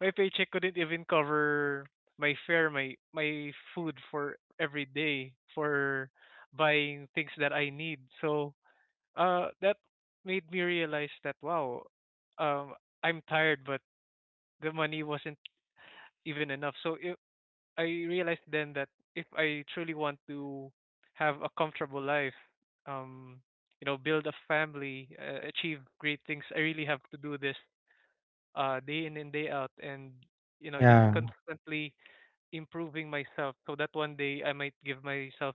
S3: my paycheck couldn't even cover my fare, my food for every day, for buying things that I need. So that made me realize that, wow, um I'm tired but the money wasn't even enough. So if I realized then that if I truly want to have a comfortable life, um build a family, achieve great things, I really have to do this day in and day out, and just
S1: Yeah.
S3: constantly improving myself so that one day I might give myself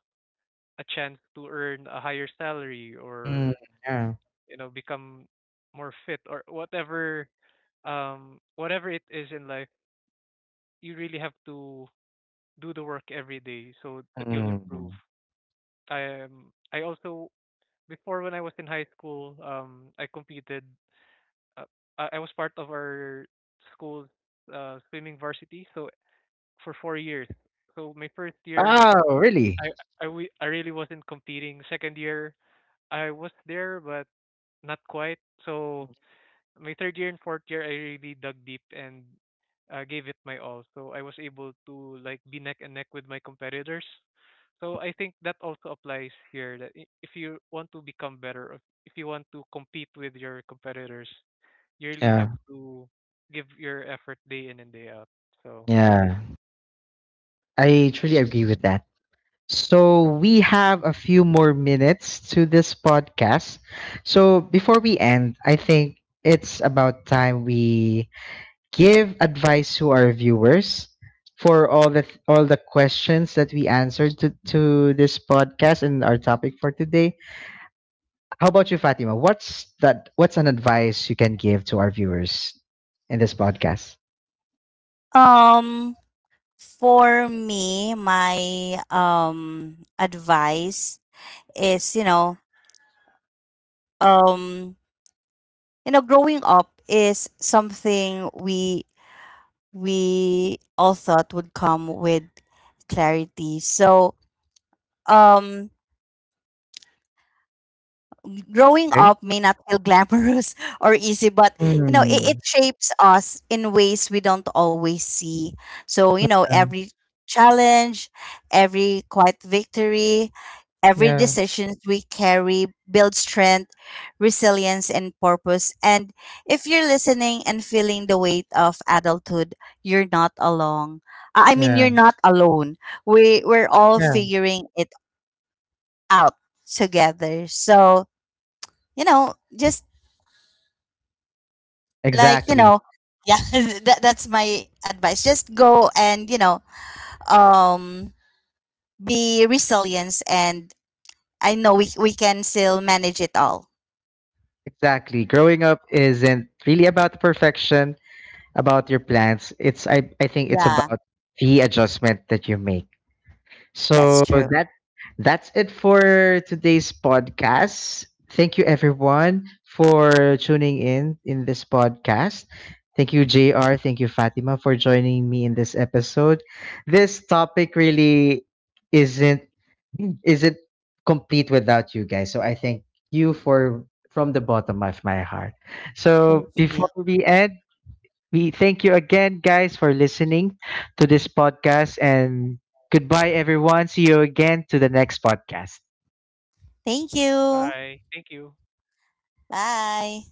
S3: a chance to earn a higher salary,
S1: Mm,
S3: or
S1: yeah.
S3: become more fit, or whatever it is in life, you really have to do the work every day so that you'll improve.
S1: Mm.
S3: I also, before when I was in high school, I competed. uh, I was part of our school's swimming varsity, so for 4 years. So my first year,
S1: Wow, really?
S3: i I really wasn't competing. Second year, I was there but not quite. So my third year and fourth year, I really dug deep and gave it my all. So I was able to like be neck and neck with my competitors. So I think that also applies here that, if you want to become better, if you want to compete with your competitors, you really
S1: Yeah.
S3: have to give your effort day in and day out. So
S1: Yeah. I truly agree with that. So we have a few more minutes to this podcast. So before we end, I think it's about time we give advice to our viewers for all the questions that we answered to this podcast and our topic for today. How about you, Fatima? What's that? What's an advice you can give to our viewers in this podcast?
S2: Um, for me, my advice is, um, you know, growing up is something we all thought would come with clarity. So, um, growing
S1: Okay.
S2: up may not feel glamorous [laughs] or easy, but you know, it
S1: Mm,
S2: shapes us in ways we don't always see. So, you know,
S1: um,
S2: every challenge, every quiet victory, every
S1: yeah.
S2: decisions we carry builds strength, resilience, and purpose. And if you're listening and feeling the weight of adulthood, you're not alone. I mean,
S1: Yeah.
S2: you're not alone. We're all
S1: Yeah.
S2: figuring it out together. So, you know, just like you
S1: Exactly.
S2: know yeah [laughs] that, that's my advice. Just go and you know um be resilient, and I know we can still manage it all.
S1: Exactly. Growing up isn't really about perfection, about your plans. It's I. I think it's
S2: Yeah,
S1: about the adjustment that you make.
S2: that's
S1: So
S2: true.
S1: that that's it for today's podcast. Thank you everyone for tuning in this podcast. Thank you JR, thank you Fatima for joining me in this episode. This topic really isn't isn't complete without you guys. So I thank you for from the bottom of my heart.
S2: Thank
S1: So
S2: you.
S1: before we end, we thank you again, guys, for listening to this podcast. And goodbye, everyone. See you again to the next podcast.
S2: Thank you.
S3: bye. Thank you.
S2: Bye.